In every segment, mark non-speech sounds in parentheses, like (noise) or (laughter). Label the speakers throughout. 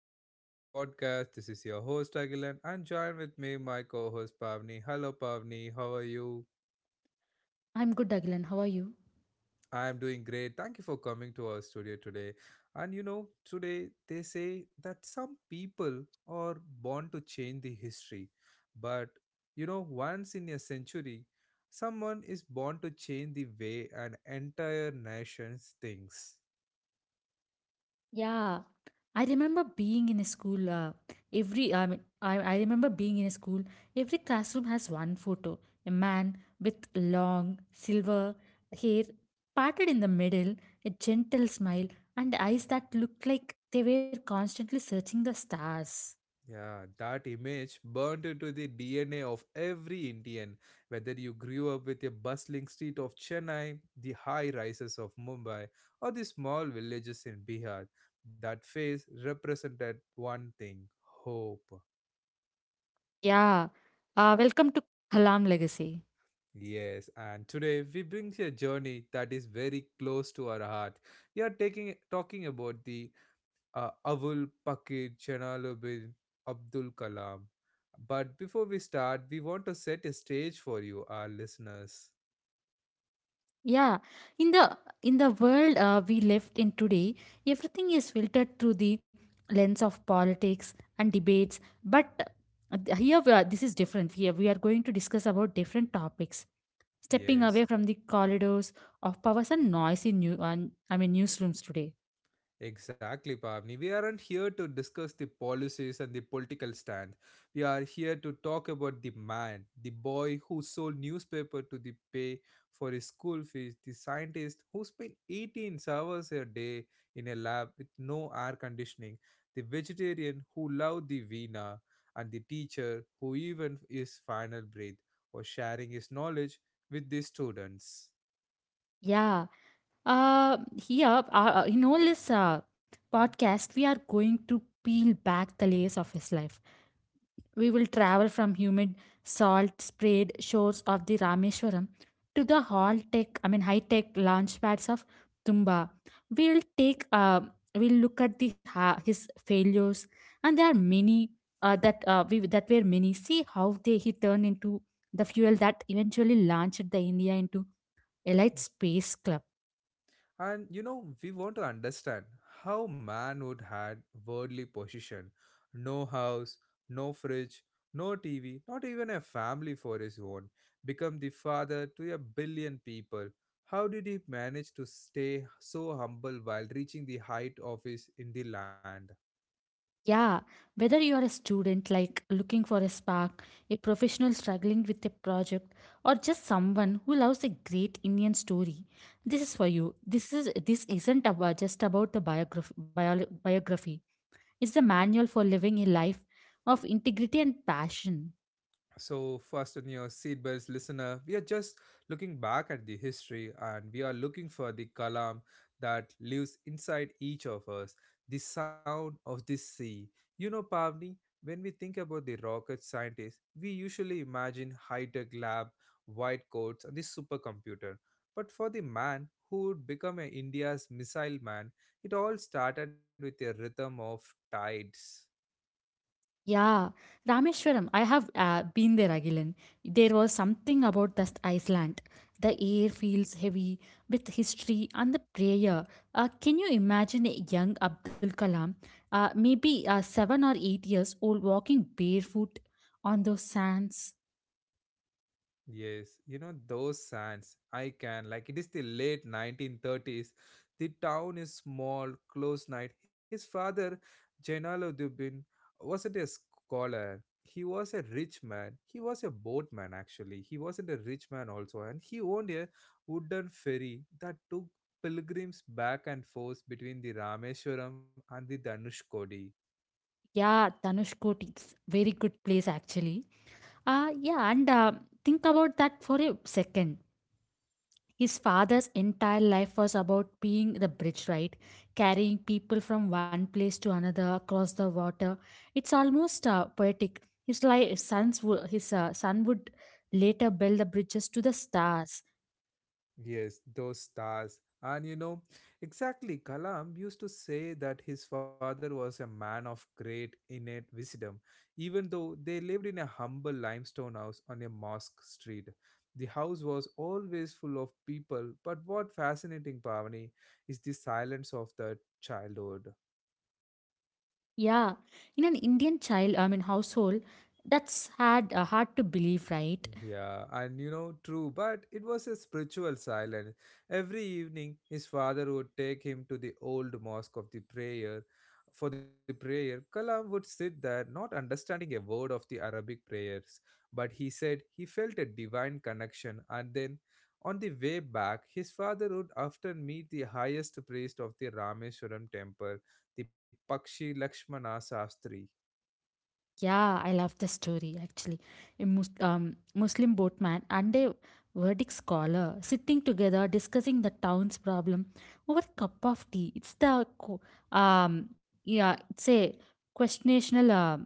Speaker 1: episode of my podcast. This is your host Agilan and join with me my co-host Pavni. Hello Pavni, how are you?
Speaker 2: I'm good, Agilan. How are you?
Speaker 1: I am doing great. Thank you for coming to our studio today. And you know, today they say that some people are born to change the history. But you know, once in a century, someone is born to change the way an entire nation thinks.
Speaker 2: Yeah, I remember being in a school. Every I mean, I remember being in a school. Every classroom has one photo: a man with long silver hair parted in the middle, a gentle smile, and eyes that looked like they were constantly searching the stars.
Speaker 1: Yeah, that image burnt into the DNA of every Indian, whether you grew up with a bustling street of Chennai, the high rises of Mumbai, or the small villages in Bihar. That face represented one thing hope.
Speaker 2: Yeah. Welcome to Kalam legacy.
Speaker 1: Yes, and today we bring you a journey that is very close to our heart. We are taking talking about the Avul Pakir Janaluddin Abdul Kalam. But before we start, we want to set a stage for you, our listeners.
Speaker 2: Yeah, in the world we lived in today, everything is filtered through the lens of politics and debates. But this is different. Here, we are going to discuss about different topics, stepping away
Speaker 1: Yes.
Speaker 2: from the corridors of powers and noise in newsrooms today.
Speaker 1: Exactly, Pavni. We aren't here to discuss the policies and the political stance. We are here to talk about the man, the boy who sold newspaper to the pay for his school fees, the scientist who spent 18 hours a day in a lab with no air conditioning, the vegetarian who loved the Veena, and the teacher who even his final breath was sharing his knowledge with the students.
Speaker 2: Yeah, here in all this podcast, we are going to peel back the layers of his life. We will travel from humid, salt sprayed shores of the Rameswaram to the hall tech, I mean, high tech launch pads of Tumba. We'll take, uh, we'll look at the his failures, and there are many that were many. See how they he turned into the fuel that eventually launched the India into elite space club.
Speaker 1: And you know, we want to understand how man would had worldly possession. No house, no fridge, no TV, not even a family for his own. Become the father to a billion people. How did he manage to stay so humble while reaching the height of his in the land?
Speaker 2: Yeah, whether you are a student like looking for a spark, a professional struggling with a project, or just someone who loves a great Indian story, this is for you. This isn't about just about the biography. Biography. It's the manual for living a life of integrity and passion.
Speaker 1: So, first, in your seatbelts, listener. We are just looking back at the history and we are looking for the kalam that lives inside each of us, the sound of the sea. You know, Pavni, when we think about the rocket scientists, we usually imagine high tech lab, white coats, and the supercomputer. But for the man who would become a India's missile man, it all started with a rhythm of tides.
Speaker 2: Yeah, Rameshwaram. I have been there, Agilan. There was something about that Iceland. The air feels heavy with history and the prayer. Can you imagine a young Abdul Kalam, maybe 7 or 8 years old, walking barefoot on those sands?
Speaker 1: Yes, you know those sands. I can like it is the late 1930s. The town is small, close night. His father, Jainaluddin, wasn't a scholar. He was a rich man. He was a boatman actually. He wasn't a rich man also, and he owned a wooden ferry that took pilgrims back and forth between the Rameshwaram and the Danushkodi.
Speaker 2: Yeah, Dhanushkoti. It's very good place actually. Yeah, and think about that for a second. His father's entire life was about being the bridge, right? Carrying people from one place to another across the water. It's almost poetic. His son would later build the bridges to the stars.
Speaker 1: Yes, those stars. And you know, exactly, Kalam used to say that his father was a man of great innate wisdom, even though they lived in a humble limestone house on a mosque street. The house was always full of people, but what fascinating, Pavani, is the silence of the childhood.
Speaker 2: Yeah, in an Indian child, I mean household, that's hard to believe, right?
Speaker 1: Yeah, and you know, true, but it was a spiritual silence. Every evening, his father would take him to the old mosque of the prayer. For the prayer, Kalam would sit there, not understanding a word of the Arabic prayers, but he said he felt a divine connection. And then, on the way back, his father would often meet the highest priest of the Rameshwaram temple, the Pakshi Lakshmana Sastri.
Speaker 2: Yeah, I love the story actually. A Muslim boatman and a Vedic scholar sitting together discussing the town's problem over a cup of tea. Yeah, it's a questionable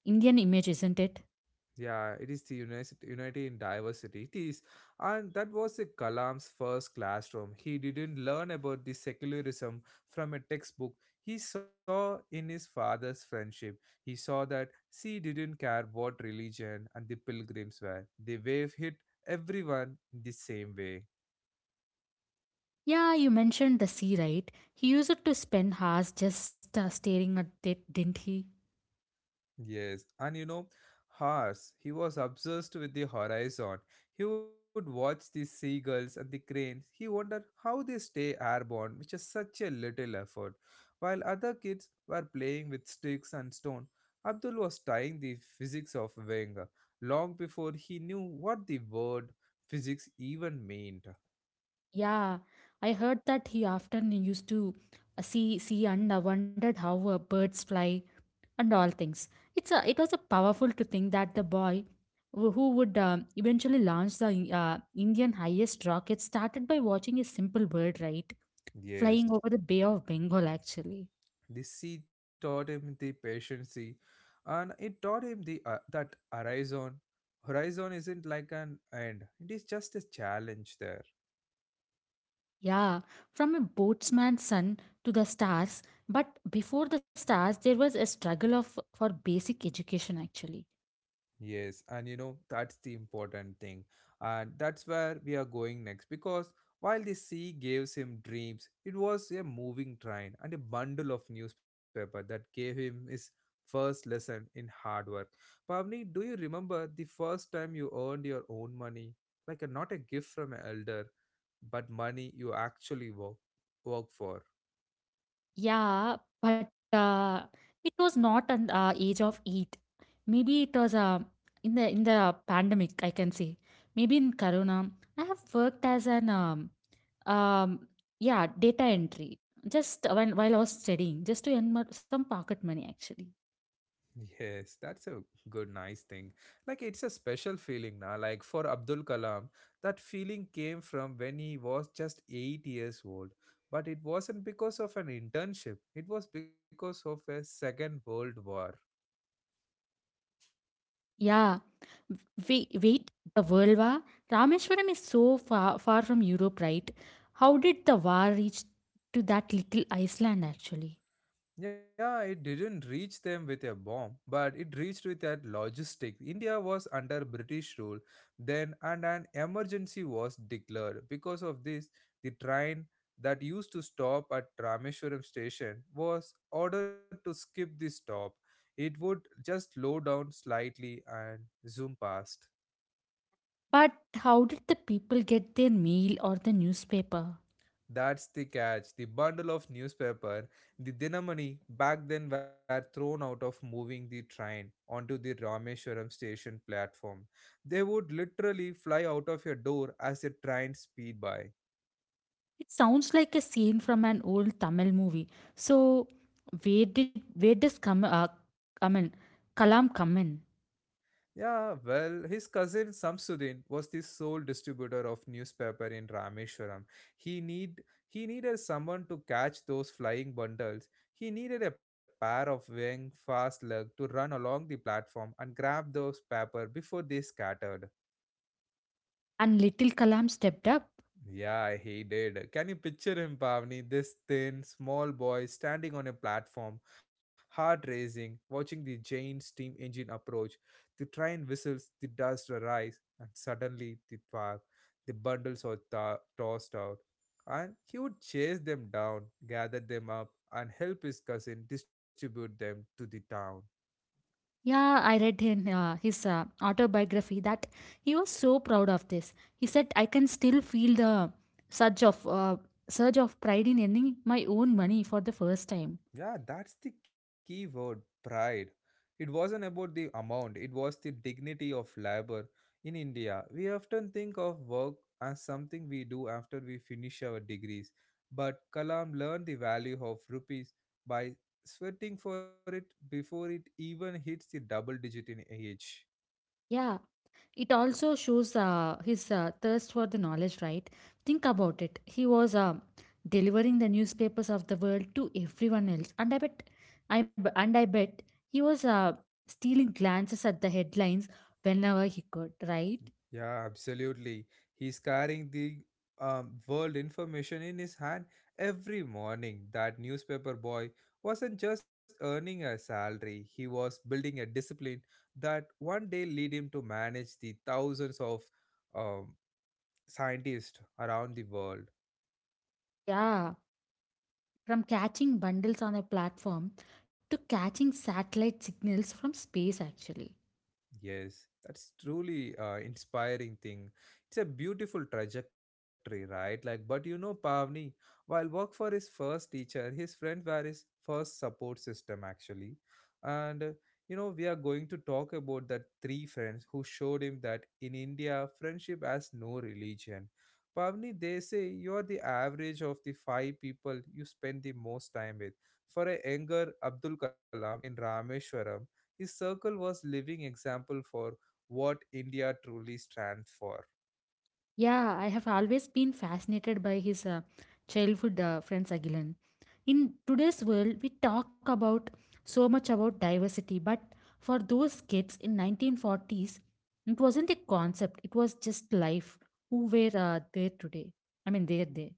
Speaker 2: Indian image, isn't it?
Speaker 1: Yeah, it is the unity in diversity. It is, and that was the Kalam's first classroom. He didn't learn about the secularism from a textbook. He saw in his father's friendship. He saw that she didn't care what religion and the pilgrims were. They wave hit everyone the same way.
Speaker 2: Yeah, you mentioned the sea, right? He used to spend hours just staring at it, didn't he?
Speaker 1: Yes, and you know, Hars, he was obsessed with the horizon. He would watch the seagulls and the cranes. He wondered how they stay airborne, which is such a little effort. While other kids were playing with sticks and stone, Abdul was studying the physics of wing long before he knew what the word physics even meant.
Speaker 2: Yeah, I heard that he often used to see and wondered how birds fly and all things. It was a powerful to think that the boy who would eventually launch the uh, Indian highest rocket started by watching a simple bird, right,
Speaker 1: Yes.
Speaker 2: flying over the Bay of Bengal actually.
Speaker 1: The sea taught him the patience, and it taught him the that horizon. Horizon isn't like an end; it is just a challenge there.
Speaker 2: Yeah, from a boatsman's son to the stars, but before the stars, there was a struggle of for basic education actually.
Speaker 1: Yes, and you know, that's the important thing. And that's where we are going next because while the sea gives him dreams, it was a moving train and a bundle of newspaper that gave him his first lesson in hard work. Pavni, do you remember the first time you earned your own money? Like a, not a gift from an elder, but money you actually work for.
Speaker 2: Yeah, but it was not an age of eight. Maybe it was in the pandemic. I can say maybe in Corona. I have worked as an um yeah data entry just when while I was studying just to earn some pocket money actually.
Speaker 1: Yes, that's a good, nice thing. Like, it's a special feeling now. Like, for Abdul Kalam, that feeling came from when he was just 8 years old. But it wasn't because of an internship, it was because of a Second World War.
Speaker 2: Yeah, wait, wait. The world war Rameshwaram is so far, far from Europe, right? How did the war reach to that little Iceland actually?
Speaker 1: Yeah, it didn't reach them with a bomb, but it reached with a logistic. India was under British rule then, and an emergency was declared. Because of this, the train that used to stop at Rameshwaram station was ordered to skip the stop. It would just slow down slightly and zoom past.
Speaker 2: But how did the people get their mail or the newspaper?
Speaker 1: That's the catch. The bundle of newspaper, the dinamani back then were thrown out of moving the train onto the Rameshwaram station platform. They would literally fly out of your door as a train speed by.
Speaker 2: It sounds like a scene from an old Tamil movie. So where does come I mean Kalam come in?
Speaker 1: Yeah, well, his cousin Samsudin was the sole distributor of newspaper in Rameshwaram. He need he needed someone to catch those flying bundles. He needed a pair of wing fast leg to run along the platform and grab those paper before they scattered.
Speaker 2: And little Kalam stepped up.
Speaker 1: Yeah, he did. Can you picture him, Pavni? This thin, small boy standing on a platform, heart racing, watching the giant steam engine approach. The train whistles, the dust rise, and suddenly the park, the bundles are tossed out. And he would chase them down, gather them up, and help his cousin distribute them to the town.
Speaker 2: Yeah, I read in his autobiography that he was so proud of this. He said, "I can still feel the surge of uh, surge of pride in earning my own money for the first time."
Speaker 1: Yeah, that's the key word pride. It wasn't about the amount, it was the dignity of labor. In India, we often think of work as something we do after we finish our degrees, but Kalam learned the value of rupees by sweating for it before it even hits the double digit in age.
Speaker 2: Yeah, it also shows his thirst for the knowledge, right? Think about it. He was delivering the newspapers of the world to everyone else, and I bet, I b- and I bet he was stealing glances at the headlines whenever he could, right?
Speaker 1: Yeah, absolutely. He's carrying the world information in his hand every morning. That newspaper boy wasn't just earning a salary, he was building a discipline that one day lead him to manage the thousands of um, scientists around the world.
Speaker 2: Yeah, from catching bundles on a platform to catching satellite signals from space, actually.
Speaker 1: Yes, that's truly inspiring thing. It's a beautiful trajectory, right? Like, but you know, Pavni, while work for his first teacher, his friend were his first support system actually, and you know, we are going to talk about that three friends who showed him that in India, friendship has no religion. Pavni, they say you're the average of the five people you spend the most time with. For a younger Abdul Kalam in Rameshwaram his circle was living example for what India truly stands for.
Speaker 2: Yeah, I have always been fascinated by his childhood friends, Agilan. In today's world, we talk about so much about diversity, but for those kids in 1940s, it wasn't a concept. It was just life. Who were there today? I mean, they're there.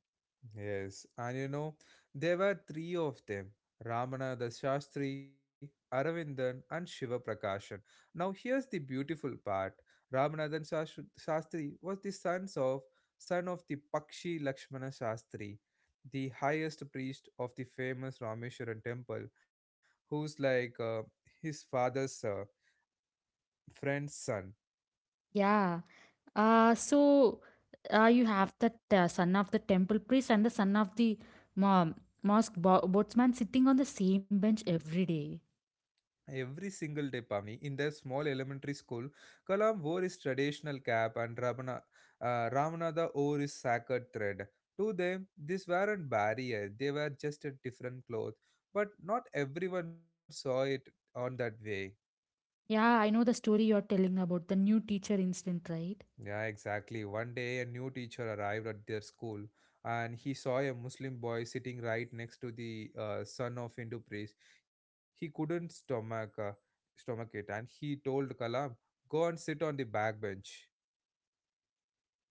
Speaker 1: Yes, and you know, there were three of them Ramananda Shastri, Aravindan, and Shiva Prakashan. Now, here's the beautiful part Ramanandan Shastri was the son of the Pakshi Lakshmana Shastri, the highest priest of the famous Rameshwaran temple, who's like his father's friend's son.
Speaker 2: Yeah. So you have that son of the temple priest and the son of the um, mosque boatsman sitting on the same bench every day.
Speaker 1: Every single day, Pavni, in their small elementary school, Kalam wore his traditional cap and Ramanada wore his sacred thread. To them, these weren't barriers, they were just a different cloth, but not everyone saw it on that way.
Speaker 2: Yeah, I know the story you're telling about the new teacher incident, right?
Speaker 1: Yeah, exactly. One day, a new teacher arrived at their school and he saw a Muslim boy sitting right next to the son of Hindu priest. He couldn't stomach it and he told Kalam, Go and sit on the back bench.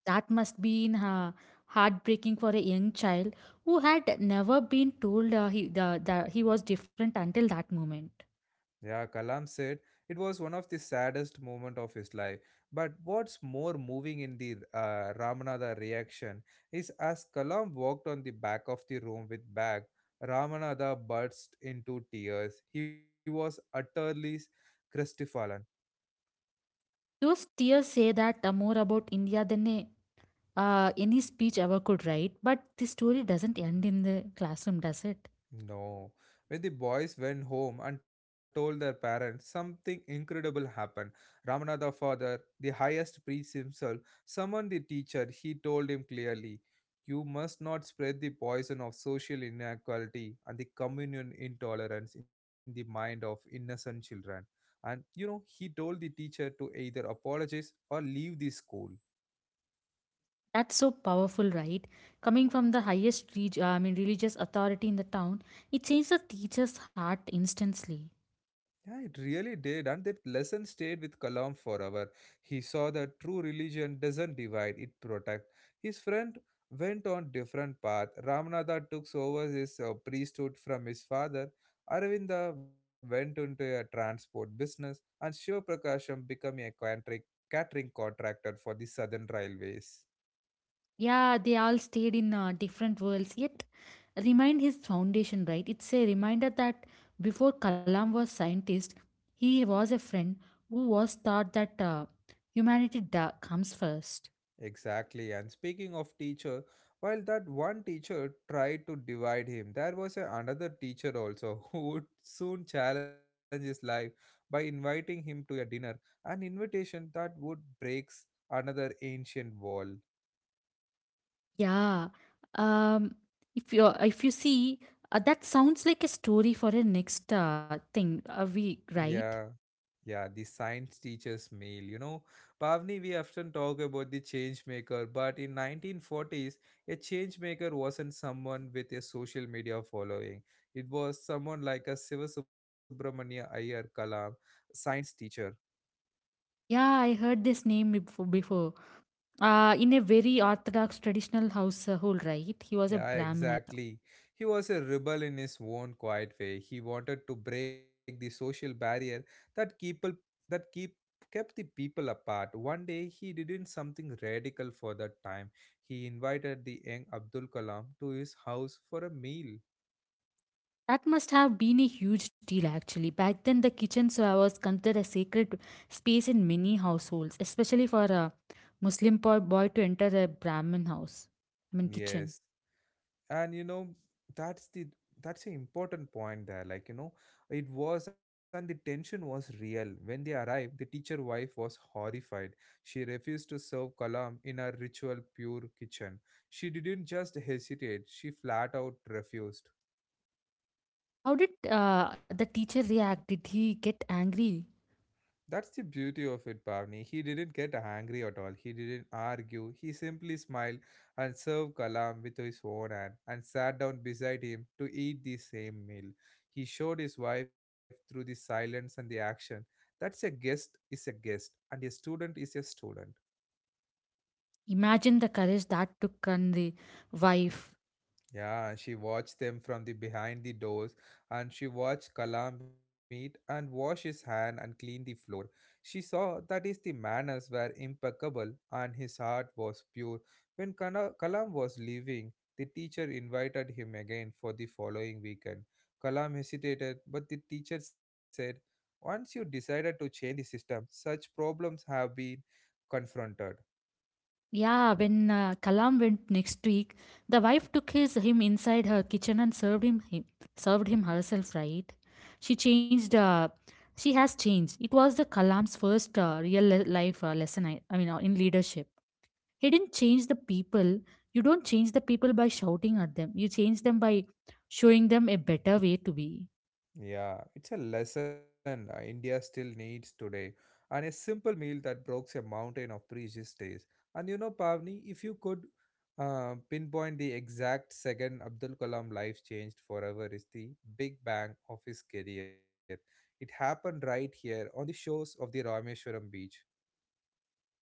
Speaker 2: That must be in heartbreaking for a young child who had never been told he the he was different until that moment.
Speaker 1: Yeah, Kalam said it was one of the saddest moments of his life. But what's more moving in the Ramanada reaction is as Kalam walked on the back of the room with bag, Ramanada burst into tears. He was utterly crestfallen.
Speaker 2: Those tears say that more about India than any speech ever could, right? But this story doesn't end in the classroom, does it?
Speaker 1: No. When the boys went home and told their parents, something incredible happened. Ramana the father, the highest priest himself, summoned the teacher. He told him clearly, You must not spread the poison of social inequality and the communion intolerance in the mind of innocent children. And you know, he told the teacher to either apologize or leave the school.
Speaker 2: That's so powerful, right? Coming from the highest religious authority in the town, it changed the teacher's heart instantly.
Speaker 1: Yeah, it really did, and that lesson stayed with Kalam forever. He saw that true religion doesn't divide, it protects. His friend went on different path. Ramanada took over his priesthood from his father. Arvinda went into a transport business, and Shiva Prakasham became a catering contractor for the Southern Railways.
Speaker 2: Yeah, they all stayed in different worlds, yet remained his foundation, right? It's a reminder that before Kalam was scientist, he was a friend who was taught that humanity comes first.
Speaker 1: Exactly. And speaking of teacher, while that one teacher tried to divide him, there was another teacher also (laughs) who would soon challenge his life by inviting him to a dinner, an invitation that would breaks another ancient wall.
Speaker 2: Yeah. Um, if you see, that sounds like a story for a next thing, we
Speaker 1: Yeah.
Speaker 2: right?
Speaker 1: Yeah, the science teacher's meal. You know, Pavni, we often talk about the change maker, but in 1940s, a change maker wasn't someone with a social media following. It was someone like a Siva Subramania Iyer Kalam, science teacher.
Speaker 2: Yeah, I heard this name before. In a very orthodox traditional household, right? He was a
Speaker 1: Yeah,
Speaker 2: Brahmin, I thought.
Speaker 1: exactly. He was a rebel in his own quiet way. He wanted to break the social barrier that people that keep kept the people apart. One day he did something radical for that time. He invited the young Abdul Kalam to his house for a meal.
Speaker 2: That must have been a huge deal actually. Back then, the kitchen so was considered a sacred space in many households, especially for a Muslim boy to enter a Brahmin house. I mean, kitchen.
Speaker 1: Yes, and that's the that's an important point there, it was. And the tension was real. When they arrived, the teacher wife was horrified. She refused to serve Kalam in her ritual pure kitchen. She didn't just hesitate, she flat out refused.
Speaker 2: How did the teacher react? Did he get angry?
Speaker 1: That's the beauty of it, Pavni. He didn't get angry at all. He didn't argue. He simply smiled and served Kalam with his own hand and sat down beside him to eat the same meal. He showed his wife through the silence and the action. That's a guest is a guest, and a student is a student.
Speaker 2: Imagine the courage that took on the wife.
Speaker 1: Yeah, she watched them from the behind the doors, and she watched Kalam eat and wash his hand and clean the floor. She saw that his the manners were impeccable and his heart was pure. When Kalam was leaving, the teacher invited him again for the following weekend. Kalam hesitated, but the teacher said, "Once you decided to change the system, such problems have been confronted."
Speaker 2: Yeah, when Kalam went next week, the wife took his him inside her kitchen and served him herself. Right? She changed. She has changed. It was the Kalam's first real life lesson. In leadership, he didn't change the people. You don't change the people by shouting at them. You change them by showing them a better way to be.
Speaker 1: Yeah, it's a lesson India still needs today, and a simple meal that breaks a mountain of previous days. And you know, Pavni, if you could pinpoint the exact second Abdul Kalam life changed forever, is the big bang of his career. It happened right here on the shores of the Rameshwaram beach.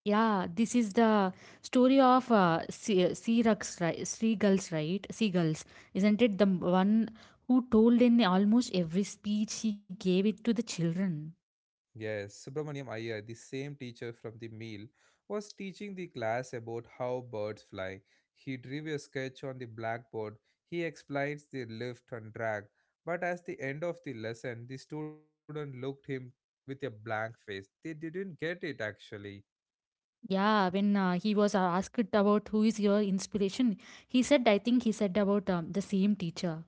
Speaker 2: Yeah, this is the story of sea, sea rucks, right? Seagulls, right? Seagulls, isn't it? The one who told in almost every speech he gave it to the children.
Speaker 1: Yes, Subramaniam Iyer, the same teacher from the meal, was teaching the class about how birds fly. He drew a sketch on the blackboard. He explains the lift and drag. But at the end of the lesson, the student looked him with a blank face. They didn't get it actually.
Speaker 2: Yeah, when he was asked about who is your inspiration, he said, I think he said about the same teacher.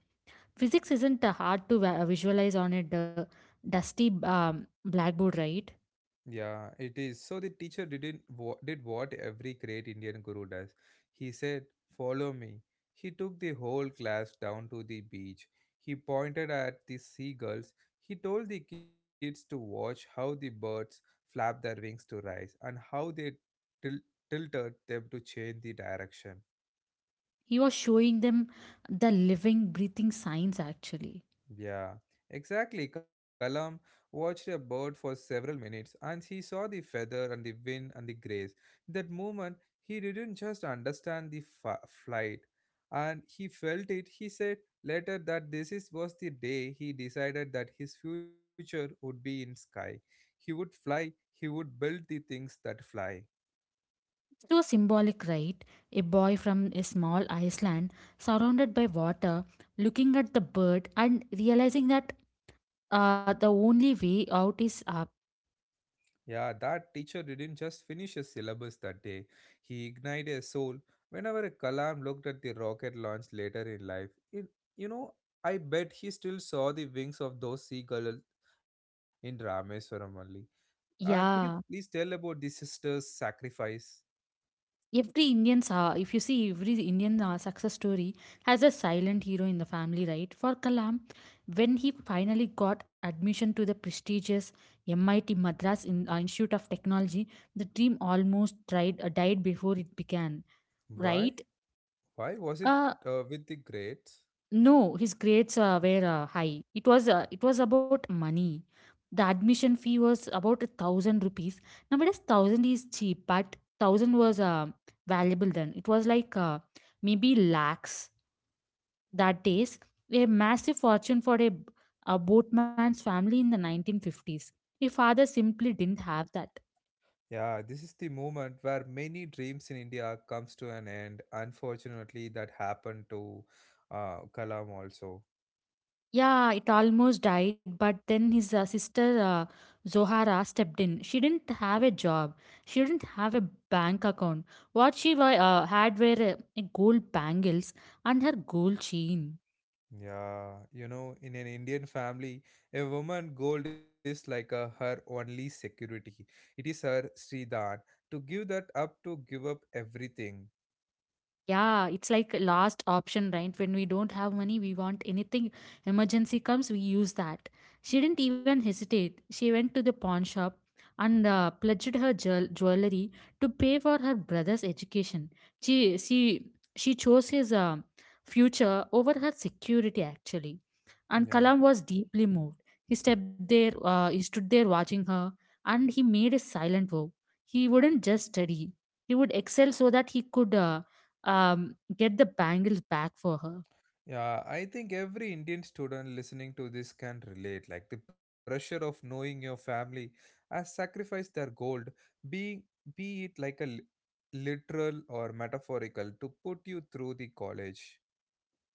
Speaker 2: Physics isn't hard to visualize on a dusty blackboard, right?
Speaker 1: Yeah, it is. So the teacher didn't wa- did what every great Indian guru does. He said, "Follow me." He took the whole class down to the beach. He pointed at the seagulls. He told the kids to watch how the birds flap their wings to rise and how they til- tilted them to change the direction.
Speaker 2: He was showing them the living, breathing science, actually.
Speaker 1: Yeah, exactly. Kalam watched a bird for several minutes and he saw the feather and the wing and the grace. In that moment, he didn't just understand the flight and he felt it. He said later that this is, was the day he decided that his future would be in sky. He would fly, he would build the things that fly.
Speaker 2: It was symbolic, right? A boy from a small island, surrounded by water, looking at the bird and realizing that the only way out is up.
Speaker 1: Yeah, that teacher didn't just finish his syllabus that day, he ignited a soul. Whenever Kalam looked at the rocket launch later in life, it, you know, I bet he still saw the wings of those seagulls in Rameswaram only. And could you
Speaker 2: Yeah,
Speaker 1: please tell about the sister's sacrifice?
Speaker 2: every Indian's if you see every Indian success story, has a silent hero in the family, right? For Kalam, when he finally got admission to the prestigious MIT Madras Institute of Technology, the dream almost died before it began,
Speaker 1: Why?
Speaker 2: right?
Speaker 1: Why was it
Speaker 2: Uh,
Speaker 1: with the greats?
Speaker 2: No, his grades were high. It was about money. The admission fee was about 1,000 rupees. Nowadays, thousand is cheap, but thousand was valuable then. It was like maybe lakhs that days. A massive fortune for a boatman's family in the 1950s. His father simply didn't have that.
Speaker 1: Yeah, this is the moment where many dreams in India comes to an end. Unfortunately, that happened to Kalam also.
Speaker 2: Yeah, it almost died, but then his sister Zohara stepped in. She didn't have a job. She didn't have a bank account. What she had were gold bangles and her gold chain.
Speaker 1: Yeah, you know, in an Indian family, a woman gold is like a, her only security. It is her Sridhan. To give that up, to give up everything.
Speaker 2: Yeah, it's like last option, right? When we don't have money, we want anything. Emergency comes, we use that. She didn't even hesitate. She went to the pawn shop and pledged her jewelry to pay for her brother's education. She she she chose his future over her security actually. And
Speaker 1: Yeah.
Speaker 2: Kalam was deeply moved. He stepped there. He stood there watching her, and he made a silent vow. He wouldn't just study. He would excel so that he could. Get the bangles back for her.
Speaker 1: Yeah, I think every Indian student listening to this can relate. Like the pressure of knowing your family has sacrificed their gold, being be it like a literal or metaphorical, to put you through the college.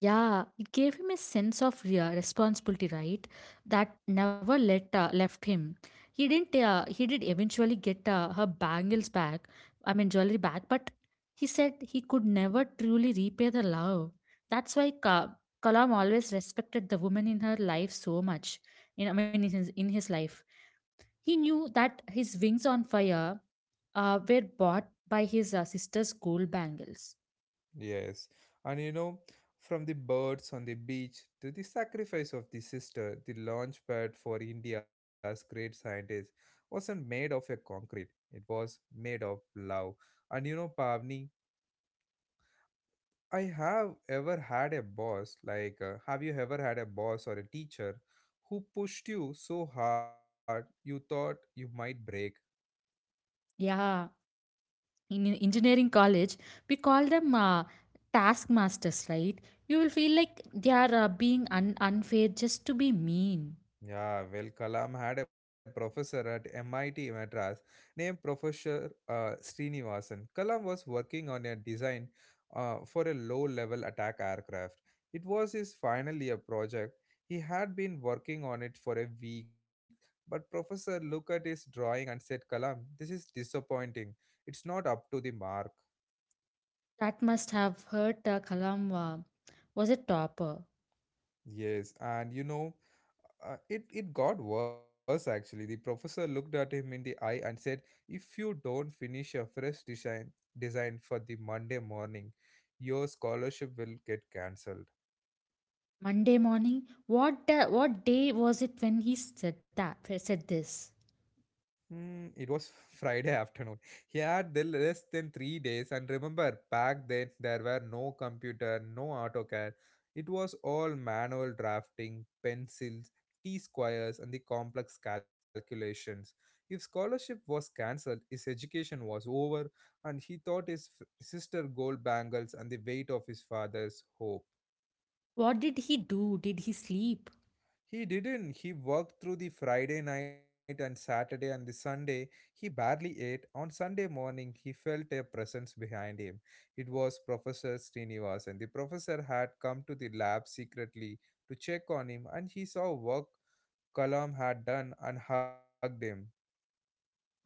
Speaker 2: Yeah, it gave him a sense of responsibility, right? That never let left him. He didn't. He did eventually get her bangles back. I mean, jewelry back, but he said he could never truly repay the love. That's why Kalam always respected the woman in her life so much. In, I mean, in his life, he knew that his wings on fire were bought by his sister's gold bangles.
Speaker 1: Yes, and you know, from the birds on the beach to the sacrifice of the sister, the launch pad for India's great scientist wasn't made of a concrete. It was made of love. And you know, Pavni, I have ever had a boss, like, have you ever had a boss or a teacher who pushed you so hard you thought you might break?
Speaker 2: Yeah, in engineering college, we call them task masters, right? You will feel like they are being unfair just to be mean.
Speaker 1: Yeah, well, Kalam had a professor at MIT Madras named Professor Srinivasan. Kalam was working on a design for a low level attack aircraft. It was his final year project. He had been working on it for a week, but Professor looked at his drawing and said, Kalam, this is disappointing. It's not up to the mark.
Speaker 2: That must have hurt Kalam. Was a topper.
Speaker 1: Yes, and you know, it got worse actually. The professor looked at him in the eye and said, "If you don't finish a fresh design for the Monday morning, your scholarship will get cancelled."
Speaker 2: Monday morning, what the? What day was it when he said that? Said this.
Speaker 1: Mm, it was (laughs) Friday afternoon. He had the less than 3 days, and remember, back then there were no computer, no AutoCAD. It was all manual drafting, pencils, T squares, and the complex calculations. If scholarship was cancelled, his education was over, and he thought his sister gold bangles and the weight of his father's hope.
Speaker 2: What did he do? Did he sleep?
Speaker 1: He didn't. He worked through the Friday night and Saturday and the Sunday. He barely ate. On Sunday morning, he felt a presence behind him. It was Professor Srinivas, and the professor had come to the lab secretly to check on him, and he saw work Kalam had done and hugged him.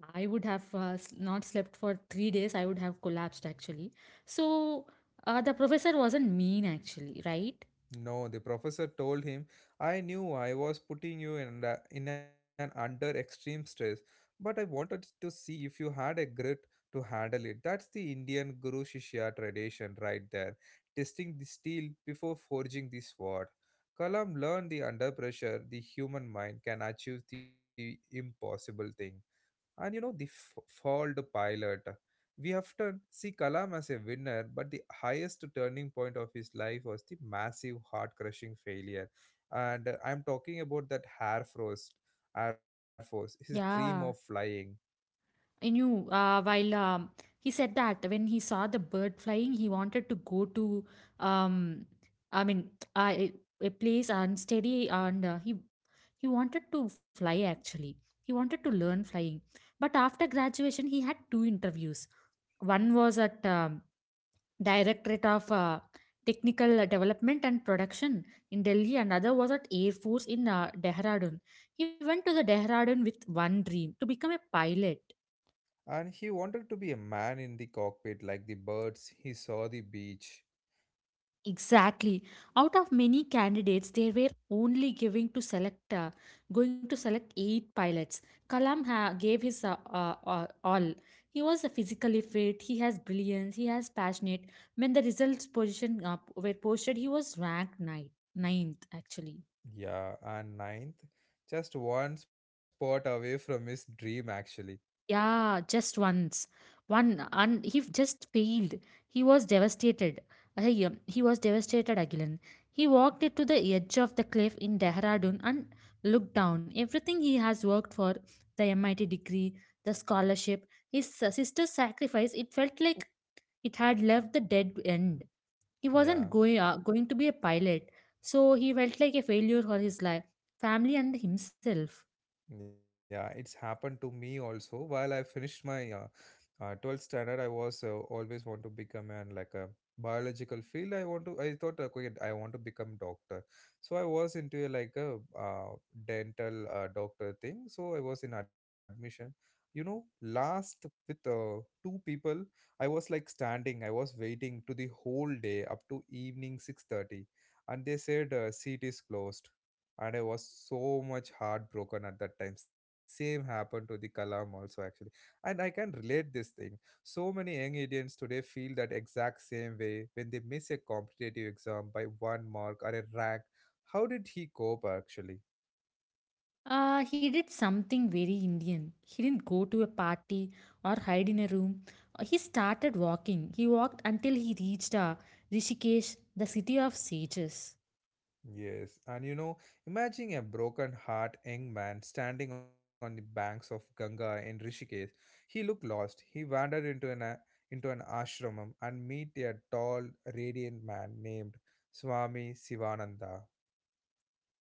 Speaker 2: I would have not slept for 3 days. I would have collapsed actually. So the professor wasn't mean actually, right?
Speaker 1: No, the professor told him, I knew I was putting you in, in an under extreme stress, but I wanted to see if you had a grit to handle it. That's the Indian Guru Shishya tradition right there, testing the steel before forging the sword. Kalam learned the under pressure, the human mind can achieve the impossible thing. And you know, the failed pilot. We often see Kalam as a winner, but the highest turning point of his life was the massive, heart crushing failure. And I'm talking about that Air Force, his dream of
Speaker 2: Yeah,
Speaker 1: flying.
Speaker 2: I knew while he said that when he saw the bird flying, he wanted to go to, um, I mean, a place unsteady, and he wanted to fly actually. He wanted to learn flying, but after graduation, he had two interviews. One was at Directorate of Technical Development and Production in Delhi, and other was at Air Force in Dehradun. He went to the Dehradun with one dream to become a pilot.
Speaker 1: And he wanted to be a man in the cockpit like the birds. He saw the beach.
Speaker 2: Exactly. Out of many candidates, they were only giving to select, going to select eight pilots. Kalam gave his all. He was physically fit. He has brilliance. He has passionate. When the results position were posted, he was ranked ninth. Ninth, actually.
Speaker 1: Yeah, and ninth, just one spot away from his dream, actually.
Speaker 2: Yeah, just once. One, and he just failed. He was devastated. He was devastated again. He walked it to the edge of the cliff in Dehradun and looked down. Everything he has worked for, the MIT degree, the scholarship, his sister's sacrifice, it felt like it had left the dead end. He wasn't
Speaker 1: Yeah.
Speaker 2: going to be a pilot, so he felt like a failure for his life, family, and himself.
Speaker 1: Yeah, it's happened to me also. While I finished my 12th standard, I was always want to become an like a biological field. I want to. I thought, okay, I want to become doctor. So I was into a, like a dental doctor thing. So I was in admission. You know, last with two people, I was like standing. I was waiting to the whole day up to evening 6:30, and they said seat is closed and I was so much heartbroken at that time. Same happened to the Kalam also actually, and I can relate this thing. So many young Indians today feel that exact same way when they miss a competitive exam by one mark or a rank. How did he cope actually?
Speaker 2: He did something very Indian. He didn't go to a party or hide in a room. He started walking. He walked until he reached Rishikesh, the city of sages.
Speaker 1: Yes, and you know, imagine a broken heart young man standing on the banks of Ganga in Rishikesh. He looked lost. He wandered into an ashramam and meet a tall, radiant man named Swami Sivananda.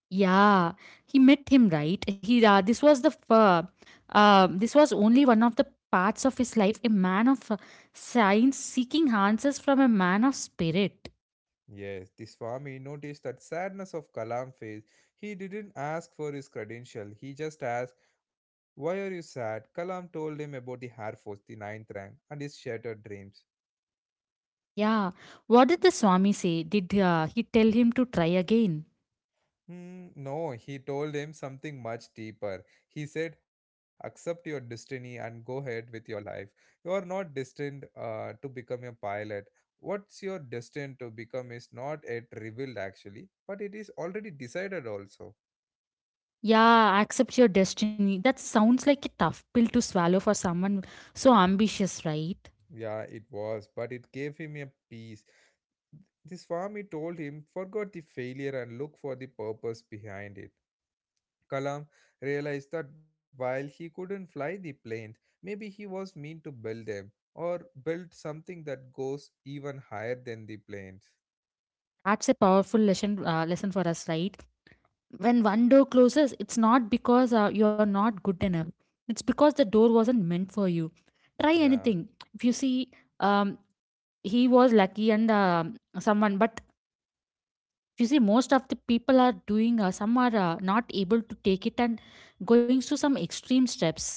Speaker 2: Yeah, he met him, right? He This was only one of the parts of his life. A man of science seeking answers from a man of spirit.
Speaker 1: Yes, the Swami noticed that sadness of Kalam face. He didn't ask for his credential. He just asked, "Why are you sad?" Kalam told him about the Air Force, the ninth rank, and his shattered dreams.
Speaker 2: Yeah, what did the Swami say? Did he tell him to try again?
Speaker 1: Hmm, no, he told him something much deeper. He said, accept your destiny and go ahead with your life. You are not destined to become a pilot. What's your destined to become is not yet revealed actually, but it is already decided also.
Speaker 2: Yeah, accept your destiny. That sounds like a tough pill to swallow for someone so ambitious, right?
Speaker 1: Yeah, it was, but it gave him a peace. This Swami told him, forgot the failure and look for the purpose behind it. Kalam realized that while he couldn't fly the planes, maybe he was meant to build them or build something that goes even higher than the planes.
Speaker 2: That's a powerful lesson lesson for us, right? When one door closes, it's not because you're not good enough. It's because the door wasn't meant for you. Try
Speaker 1: Yeah.
Speaker 2: anything. If you see, um, he was lucky and someone, but if you see, most of the people are doing, some are not able to take it and going through some extreme steps.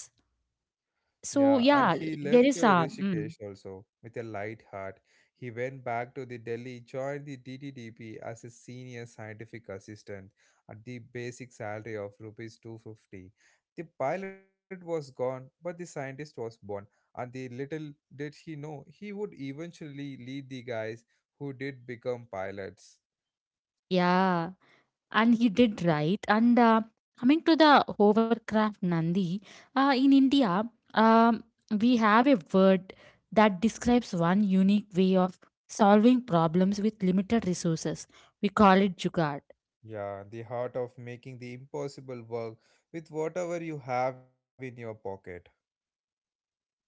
Speaker 1: Yeah,
Speaker 2: So,
Speaker 1: and he
Speaker 2: yeah,
Speaker 1: left
Speaker 2: there is a,
Speaker 1: Rishikesh also with a light heart. He went back to the Delhi, joined the DTDP as a senior scientific assistant at the basic salary of rupees 250. The pilot was gone, but the scientist was born, and the little did he know he would eventually lead the guys who did become pilots.
Speaker 2: yeah. And he did right. And coming to the hovercraft Nandi, in India, um, we have a word that describes one unique way of solving problems with limited resources. We call it jugaad.
Speaker 1: Yeah, the heart of making the impossible work with whatever you have in your pocket.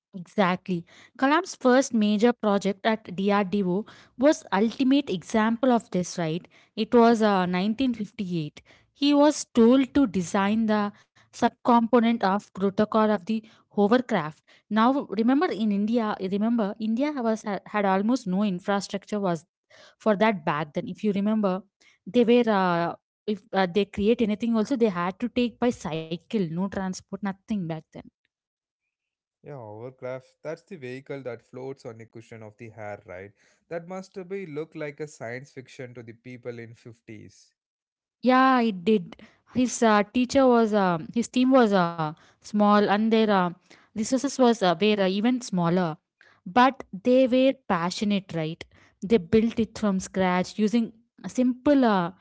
Speaker 2: Exactly. Kalam's first major project at DRDO was ultimate example of this, right? It was 1958. He was told to design the subcomponent of protocol of the hovercraft. Now, remember in India, remember India was had, almost no infrastructure was for that back then. If you remember, they were if they create anything also they had to take by cycle, no transport, nothing back then.
Speaker 1: Yeah, hovercraft. That's the vehicle that floats on the cushion of the hair, right? That must be look like a science fiction to the people in 50s.
Speaker 2: Yeah, it did. His team was small and their resources was were even smaller. But they were passionate, right? They built it from scratch using a simple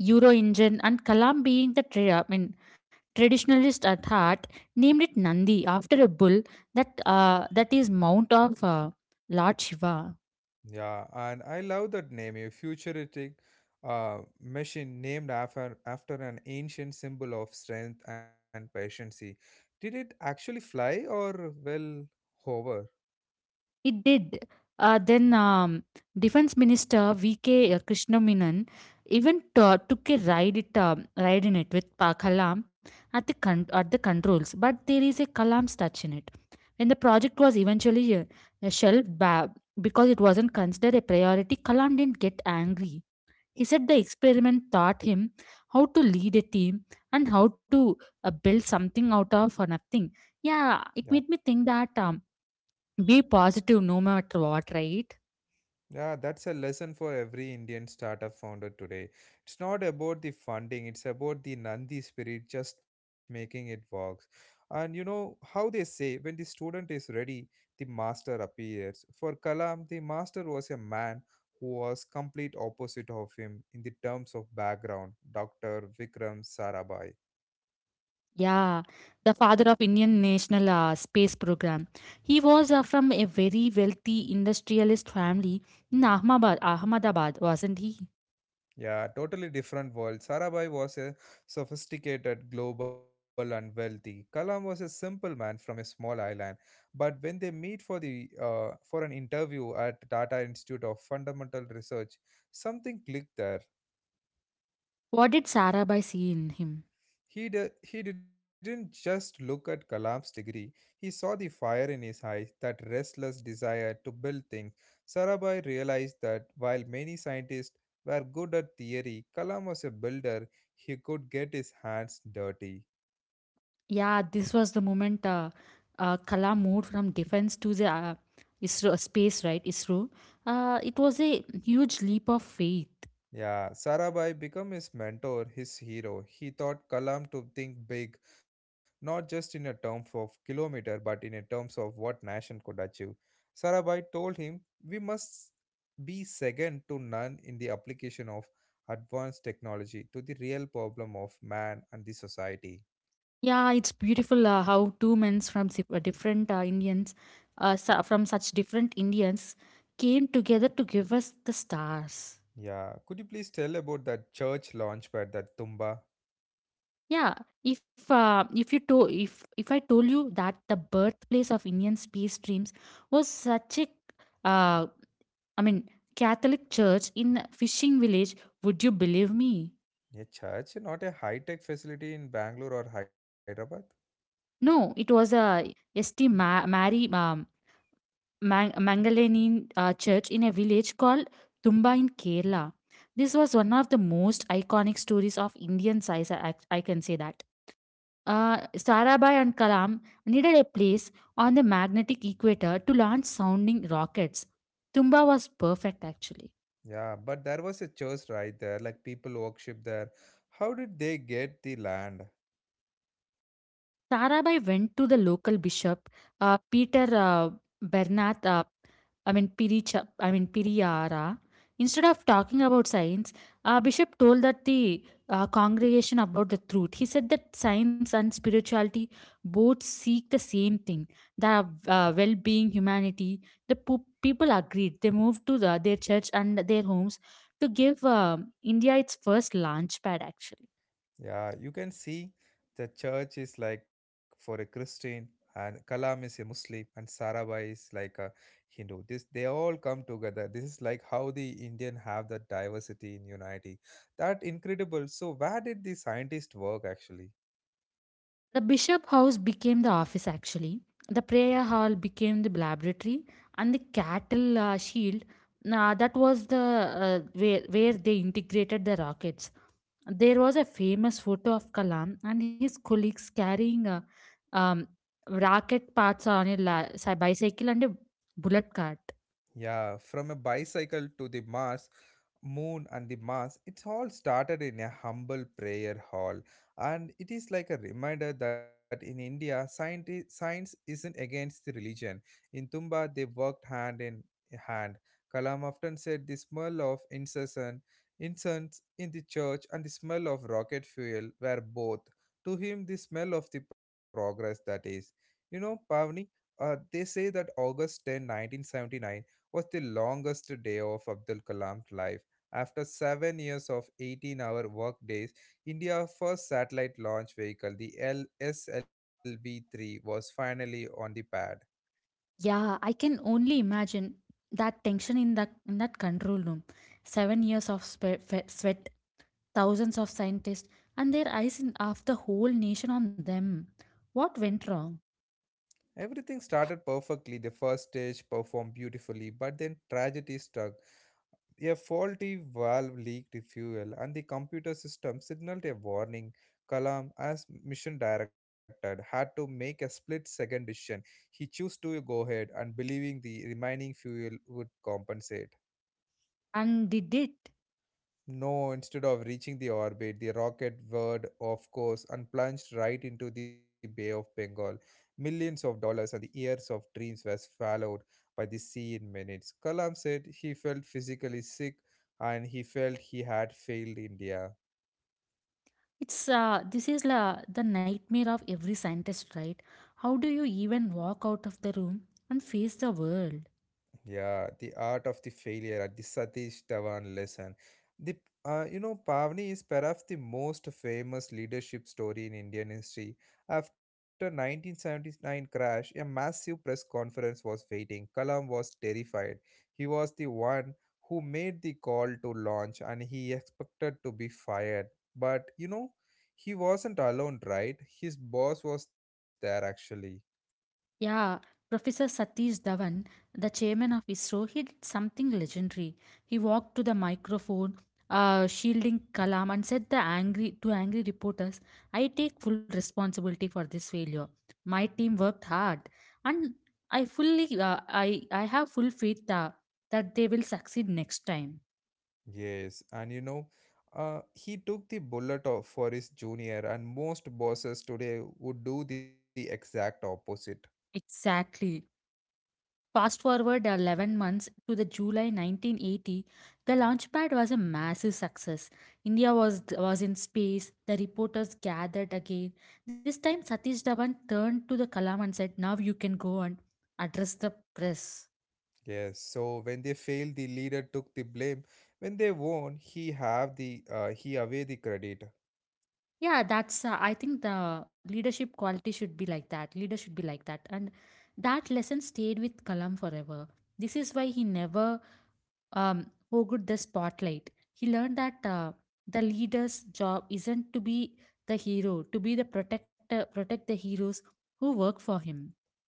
Speaker 2: Euro engine, and Kalam being the traditionalist at heart named it Nandi after a bull that is mount of Lord Shiva.
Speaker 1: Yeah, and I love that name, a futuristic machine named after an ancient symbol of strength and patience. Did it actually fly or well hover?
Speaker 2: It did. Then Defense Minister V.K. Krishnamenon even took a ride in it with Pa Kalam at the controls, but there is a Kalam touch in it. When the project was eventually shelved because it wasn't considered a priority, Kalam didn't get angry. He said the experiment taught him how to lead a team and how to build something out of nothing. Yeah,
Speaker 1: Yeah.
Speaker 2: it made me think that. Be positive no matter what, right?
Speaker 1: Yeah, that's a lesson for every Indian startup founder today. It's not about the funding, it's about the Nandi spirit, just making it work. And you know how they say when the student is ready, the master appears. For Kalam, the master was a man who was complete opposite of him in the terms of background, Dr. Vikram Sarabhai.
Speaker 2: Yeah, the father of Indian National Space Program. He was from a very wealthy industrialist family in Ahmedabad, Ahmedabad, wasn't he?
Speaker 1: Yeah, totally different world. Sarabhai was a sophisticated, global, and wealthy. Kalam was a simple man from a small island. But when they meet for the for an interview at Tata Institute of Fundamental Research, something clicked there.
Speaker 2: What did Sarabhai see in him?
Speaker 1: He didn't just look at Kalam's degree, he saw the fire in his eyes, that restless desire to build things. Sarabhai realized that while many scientists were good at theory, Kalam was a builder, he could get his hands dirty.
Speaker 2: Yeah, this was the moment Kalam moved from defense to the ISRO, space, right? ISRO. It was a huge leap of faith.
Speaker 1: Yeah, Sarabhai became his mentor, his hero. He taught Kalam to think big, not just in a terms of kilometer, but in a terms of what nation could achieve. Sarabhai told him, "We must be second to none in the application of advanced technology to the real problem of man and the society."
Speaker 2: Yeah, it's beautiful how two men from different Indians, from such different Indians, came together to give us the stars.
Speaker 1: Yeah, could you please tell about that church launchpad, that Tumba?
Speaker 2: Yeah, if if I told you that the birthplace of Indian space dreams was such a, uh, I mean Catholic church in a fishing village, would you believe me?
Speaker 1: A church, not a high-tech facility in Bangalore or Hyderabad.
Speaker 2: No, it was a St. Mary. Mangalanin church in a village called Tumba in Kerala. This was one of the most iconic stories of Indian science, I can say that. Sarabhai and Kalam needed a place on the magnetic equator to launch sounding rockets. Tumba was perfect actually.
Speaker 1: Yeah, but there was a church right there, like people worship there. How did they get the land?
Speaker 2: Tarabai went to the local bishop, Peter Bernat, I mean Piricha, I mean Piriyara. Instead of talking about science, Bishop told that the congregation about the truth. He said that science and spirituality both seek the same thing: the well-being, humanity. The people agreed. They moved to their church and their homes to give India its first launch pad. Actually.
Speaker 1: Yeah, you can see the church is like for a Christian and Kalam is a Muslim and Sarabhai is like a Hindu. This they all come together. This is like how the Indian have that diversity in unity. That incredible. So where did the scientist work actually?
Speaker 2: The bishop house became the office actually. The prayer hall became the laboratory, and the cattle shield that was the where they integrated the rockets. There was a famous photo of Kalam and his colleagues carrying a um, rocket parts on a bicycle and a bullet cart.
Speaker 1: Yeah, from a bicycle to the Mars, moon, and the Mars, it all started in a humble prayer hall. And it is like a reminder that in India, science isn't against the religion. In Tumba, they worked hand in hand. Kalam often said the smell of incessant incense in the church and the smell of rocket fuel were both. To him, the smell of the progress, that is. You know, Pavni, they say that August 10, 1979 was the longest day of Abdul Kalam's life. After 7 years of 18-hour workdays, India's first satellite launch vehicle, the LSLV 3, was finally on the pad.
Speaker 2: Yeah, I can only imagine that tension in that control room. 7 years of sweat, thousands of scientists and their eyes in, of the whole nation on them. What went wrong?
Speaker 1: Everything started perfectly. The first stage performed beautifully, but then tragedy struck. A faulty valve leaked fuel, and the computer system signaled a warning. Kalam, as mission director, had to make a split second decision. He chose to go ahead and believing the remaining fuel would compensate.
Speaker 2: And did it?
Speaker 1: No, instead of reaching the orbit, the rocket whirred off course and plunged right into the Bay of Bengal. Millions of dollars and the years of dreams were swallowed by the sea in minutes. Kalam said he felt physically sick and he felt he had failed India.
Speaker 2: It's the nightmare of every scientist, right? How do you even walk out of the room and face the world?
Speaker 1: Yeah, the art of the failure at the Satish Dhawan lesson. The You know Pavni is perhaps the most famous leadership story in Indian history. After 1979 crash, a massive press conference was waiting. Kalam was terrified. He was the one who made the call to launch, and he expected to be fired. But you know, he wasn't alone, right? His boss was there actually.
Speaker 2: Yeah, Professor Satish Dhawan, the chairman of ISRO, he did something legendary. He walked to the microphone, shielding Kalam, and said the angry reporters, "I take full responsibility for this failure. My team worked hard, and I fully, uh, I have full faith that they will succeed next time."
Speaker 1: Yes, and you know, he took the bullet of for his junior, and most bosses today would do the exact opposite.
Speaker 2: Exactly. Fast forward 11 months to the July 1980, the launchpad was a massive success. India was in space, the reporters gathered again. This time, Satish Dhawan turned to the Kalam and said, now you can go and address the press.
Speaker 1: Yes, so when they failed, the leader took the blame. When they won, he have the he away the credit.
Speaker 2: Yeah, that's, I think the leadership quality should be like that. Leader should be like that. And that lesson stayed with Kalam forever. This is why he never um, who got the spotlight. He learned that the leader's job isn't to be the hero, to be the protector, protect the heroes who work for him.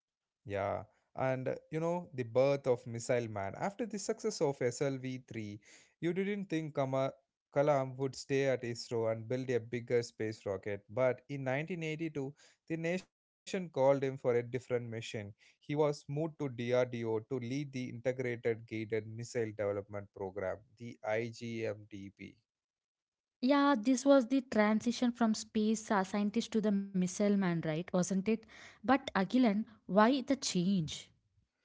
Speaker 1: Yeah, and you know, the birth of Missile Man. After the success of SLV-3, you didn't think Kama Kalam would stay at ISRO and build a bigger space rocket, but in 1982, the nation called him for a different mission. He was moved to DRDO to lead the Integrated Guided Missile Development Program, the IGMDP.
Speaker 2: Yeah, this was the transition from space scientist to the missile man, right? Wasn't it? But Agilan, why the change?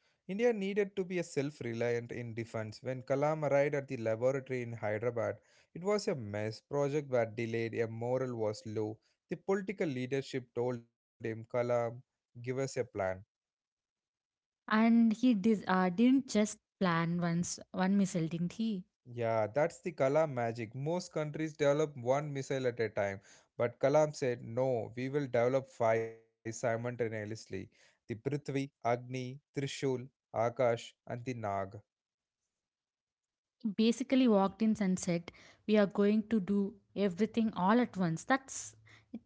Speaker 1: India needed to be a self-reliant in defense. When Kalam arrived at the laboratory in Hyderabad, it was a mess. Projects were delayed, a morale was low. The political leadership told him, "Kalam, give us a plan."
Speaker 2: And he didn't just plan once one missile, didn't he?
Speaker 1: Yeah, that's the Kalam magic. Most countries develop one missile at a time, but Kalam said, "No, we will develop five simultaneously: the Prithvi, Agni, Trishul, Akash, and the Nag."
Speaker 2: Basically walked in and said, we are going to do everything all at once. That's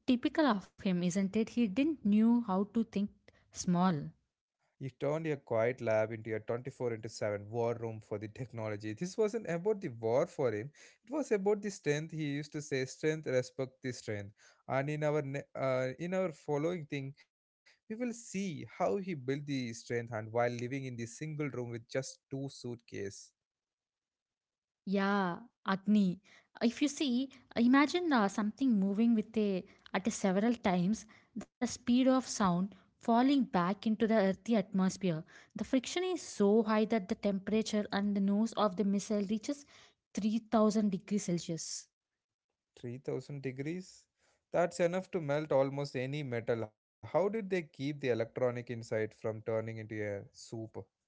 Speaker 2: typical of him, isn't it? He didn't knew how to think small.
Speaker 1: You turned your quiet lab into a 24 into 7 war room for the technology. This wasn't about the war for him, it was about the strength. He used to say, Strength, respect the strength. And in in our following thing, we will see how he built the strength and while living in the single room with just two suitcase.
Speaker 2: Yeah, Agni. If you see, imagine something moving with a at a several times the speed of sound falling back into the earthy atmosphere. The friction is so high that the temperature and the nose of the missile reaches 3,000 degrees Celsius.
Speaker 1: 3,000 degrees? That's enough to melt almost any metal. How did they keep the electronic inside from turning into a soup?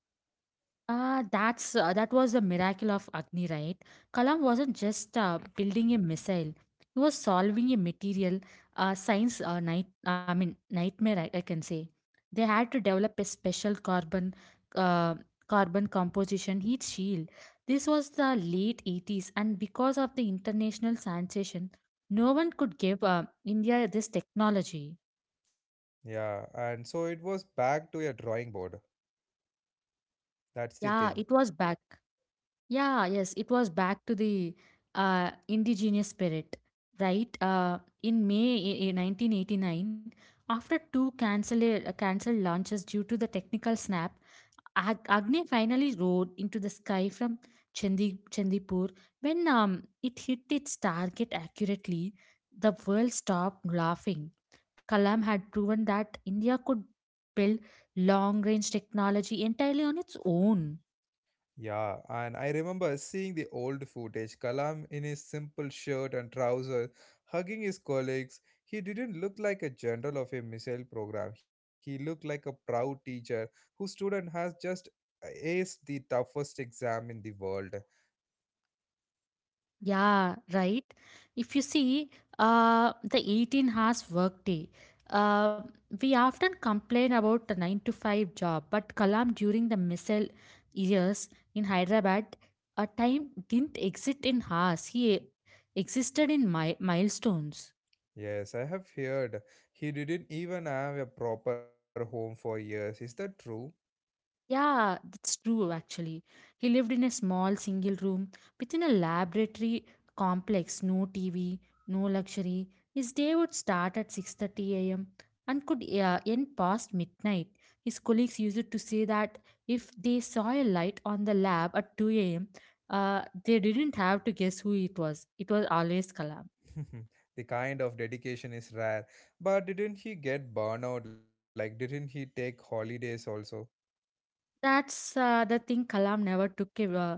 Speaker 2: That's that was the miracle of Agni, right? Kalam wasn't just building a missile; he was solving a material science night. I mean nightmare. I can say they had to develop a special uh, carbon composition heat shield. This was the late 80s, and because of the international sensation, no one could give India this technology.
Speaker 1: Yeah, and so it was back to a drawing board. That's
Speaker 2: Yeah,
Speaker 1: the
Speaker 2: it
Speaker 1: thing.
Speaker 2: was back. Yeah, yes, it was back to the indigenous spirit, right? In May 1989, after two cancelled launches due to the technical snap, Agni finally rode into the sky from Chandipur. When it hit its target accurately, the world stopped laughing. Kalam had proven that India could build long range technology entirely on its own.
Speaker 1: Yeah, and I remember seeing the old footage. Kalam in his simple shirt and trousers, hugging his colleagues. He didn't look like a general of a missile program. He looked like a proud teacher whose student has just aced the toughest exam in the world.
Speaker 2: Yeah, right. If you see the 18 hours workday, uh, we often complain about the 9 to 5 job, but Kalam during the missile years in Hyderabad, a time didn't exist in hours, he existed in milestones.
Speaker 1: Yes, I have heard he didn't even have a proper home for years. Is that true?
Speaker 2: Yeah, that's true actually. He lived in a small single room within a laboratory complex, no TV, no luxury. His day would start at 6:30 a.m. and could end past midnight. His colleagues used to say that if they saw a light on the lab at 2 a.m., they didn't have to guess who it was. It was always Kalam.
Speaker 1: (laughs) the kind of dedication is rare. But didn't he get burnout? Like, didn't he take holidays also?
Speaker 2: That's the thing. Kalam never took a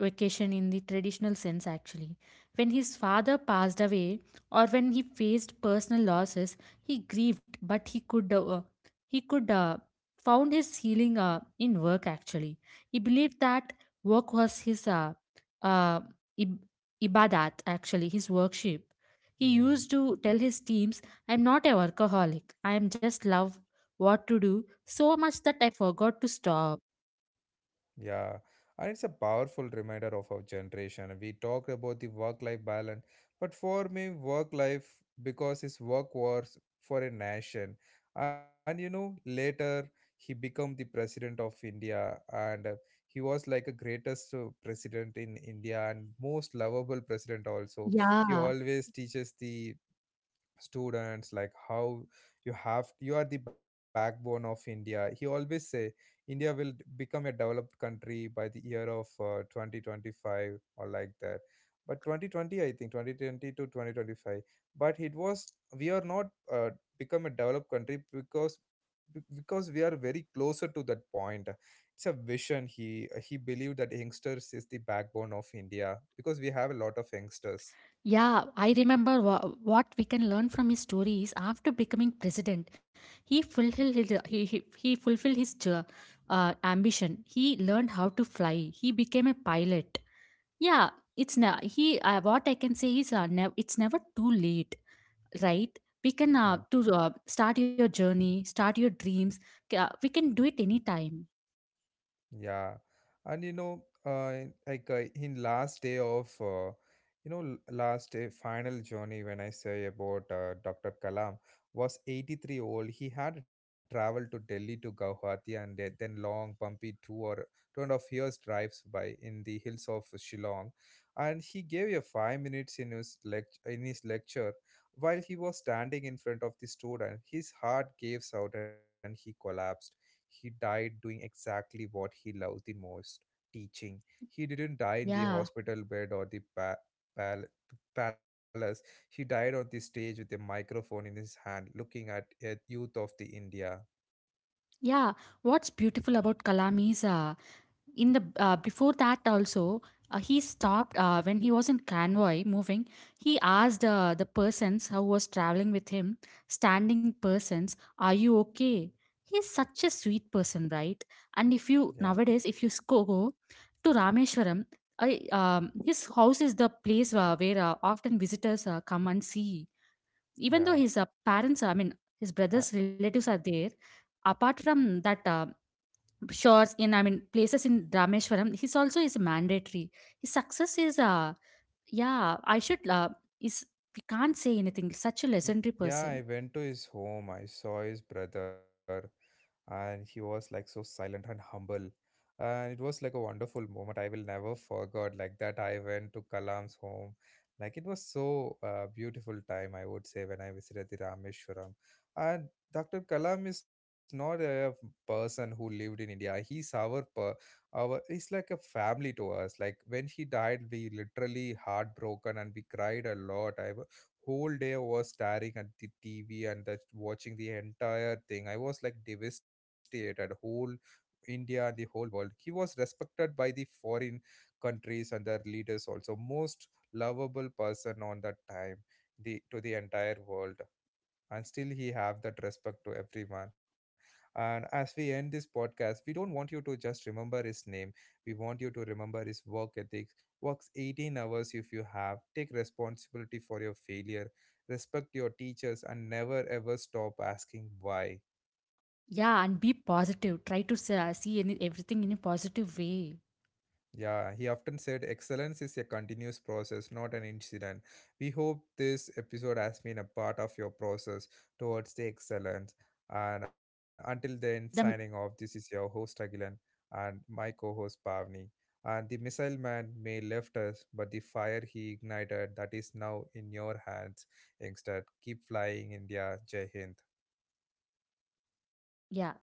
Speaker 2: vacation in the traditional sense, actually. When his father passed away, or when he faced personal losses, he grieved, but he could found his healing in work. Actually, he believed that work was his uh, ib- ibadat. Actually, his worship. He
Speaker 1: Hmm.
Speaker 2: used to tell his teams, "I'm not a workaholic. I am just love what to do so much that I forgot to stop."
Speaker 1: Yeah. And it's a powerful reminder of our generation. We talked about the work life balance, but for me, work life because his work was for a nation. And you know, later he became the president of India, and he was like a greatest president in India and most lovable president also. He
Speaker 2: Yeah,
Speaker 1: always teaches the students like how you are the backbone of India. He always say India will become a developed country by the year of 2025 or like that, but 2020, I think 2020 to 2025, but it was we are not uh, become a developed country because because we are very closer to that point. It's a vision, he believed that youngsters is the backbone of India because we have a lot of youngsters.
Speaker 2: yeah. I remember what we can learn from his story is after becoming president, he fulfilled he fulfilled his ambition. He learned how to fly. He became a pilot. Yeah, it's na he. What I can say is, it's never too late, right? We can
Speaker 1: Yeah.
Speaker 2: to start your journey, start your dreams. We can do it anytime.
Speaker 1: Yeah, and you know, like, in last day of, last day final journey, when I say about Dr. Kalam was 83 old. He had traveled to Delhi to Guwahati and then long bumpy two or two and a half years drives by in the hills of Shillong, and he gave a 5 minutes in his in his lecture while he was standing in front of the student. His heart gave out and he collapsed. He died doing exactly what he loved the most, teaching. He didn't die in the
Speaker 2: Yeah,
Speaker 1: hospital bed or the pal- palace. He died on the stage with a microphone in his hand, looking at a youth of the India.
Speaker 2: yeah. What's beautiful about Kalam is. In the before that also he stopped when he was in convoy moving, he asked the persons who was traveling with him, standing persons, are you okay? He's such a sweet person, right? And if
Speaker 1: Yeah,
Speaker 2: you nowadays if go to Rameshwaram, his house is the place where often visitors come and see, even
Speaker 1: yeah.
Speaker 2: though his parents, I mean his
Speaker 1: I,
Speaker 2: brother's relatives, are there. Apart from that, shores in, I mean places in Rameshwaram, his also is mandatory. His success is yeah. I should is, we can't say anything, such a legendary
Speaker 1: yeah, I
Speaker 2: person.
Speaker 1: went to his home. I saw his brother, and he was like so silent and humble, and it was like a wonderful moment. I will never forget like that I went to Kalam's home. Like, it was so beautiful time, I would say, when I visited the Rameshwaram. And Dr. Kalam is not a person who lived in India, he's our he's like a family to us. Like, when he died, we literally heartbroken and we cried a lot. Whole day I was staring at the TV and that watching the entire thing. I was like devastated. Whole India and the whole world. He was respected by the foreign countries and their leaders also. Most lovable person on that time, the to the entire world, and still he have that respect to everyone. And as we end this podcast, we don't want you to just remember his name, we want you to remember his work ethics. Works 18 hours, if you have take responsibility for your failure, respect your teachers and never ever stop asking why.
Speaker 2: Yeah, and be positive, try to see everything in a positive way.
Speaker 1: Yeah, he often said excellence is a continuous process, not an incident. We hope this episode has been a part of your process towards the excellence. And until then, signing
Speaker 2: the
Speaker 1: off,
Speaker 2: m-
Speaker 1: this is your host Agilan and my co host Pavni. And the missile man may left us, but the fire he ignited that is now in your hands. Instead, keep flying, India. Jai Hind.
Speaker 2: yeah.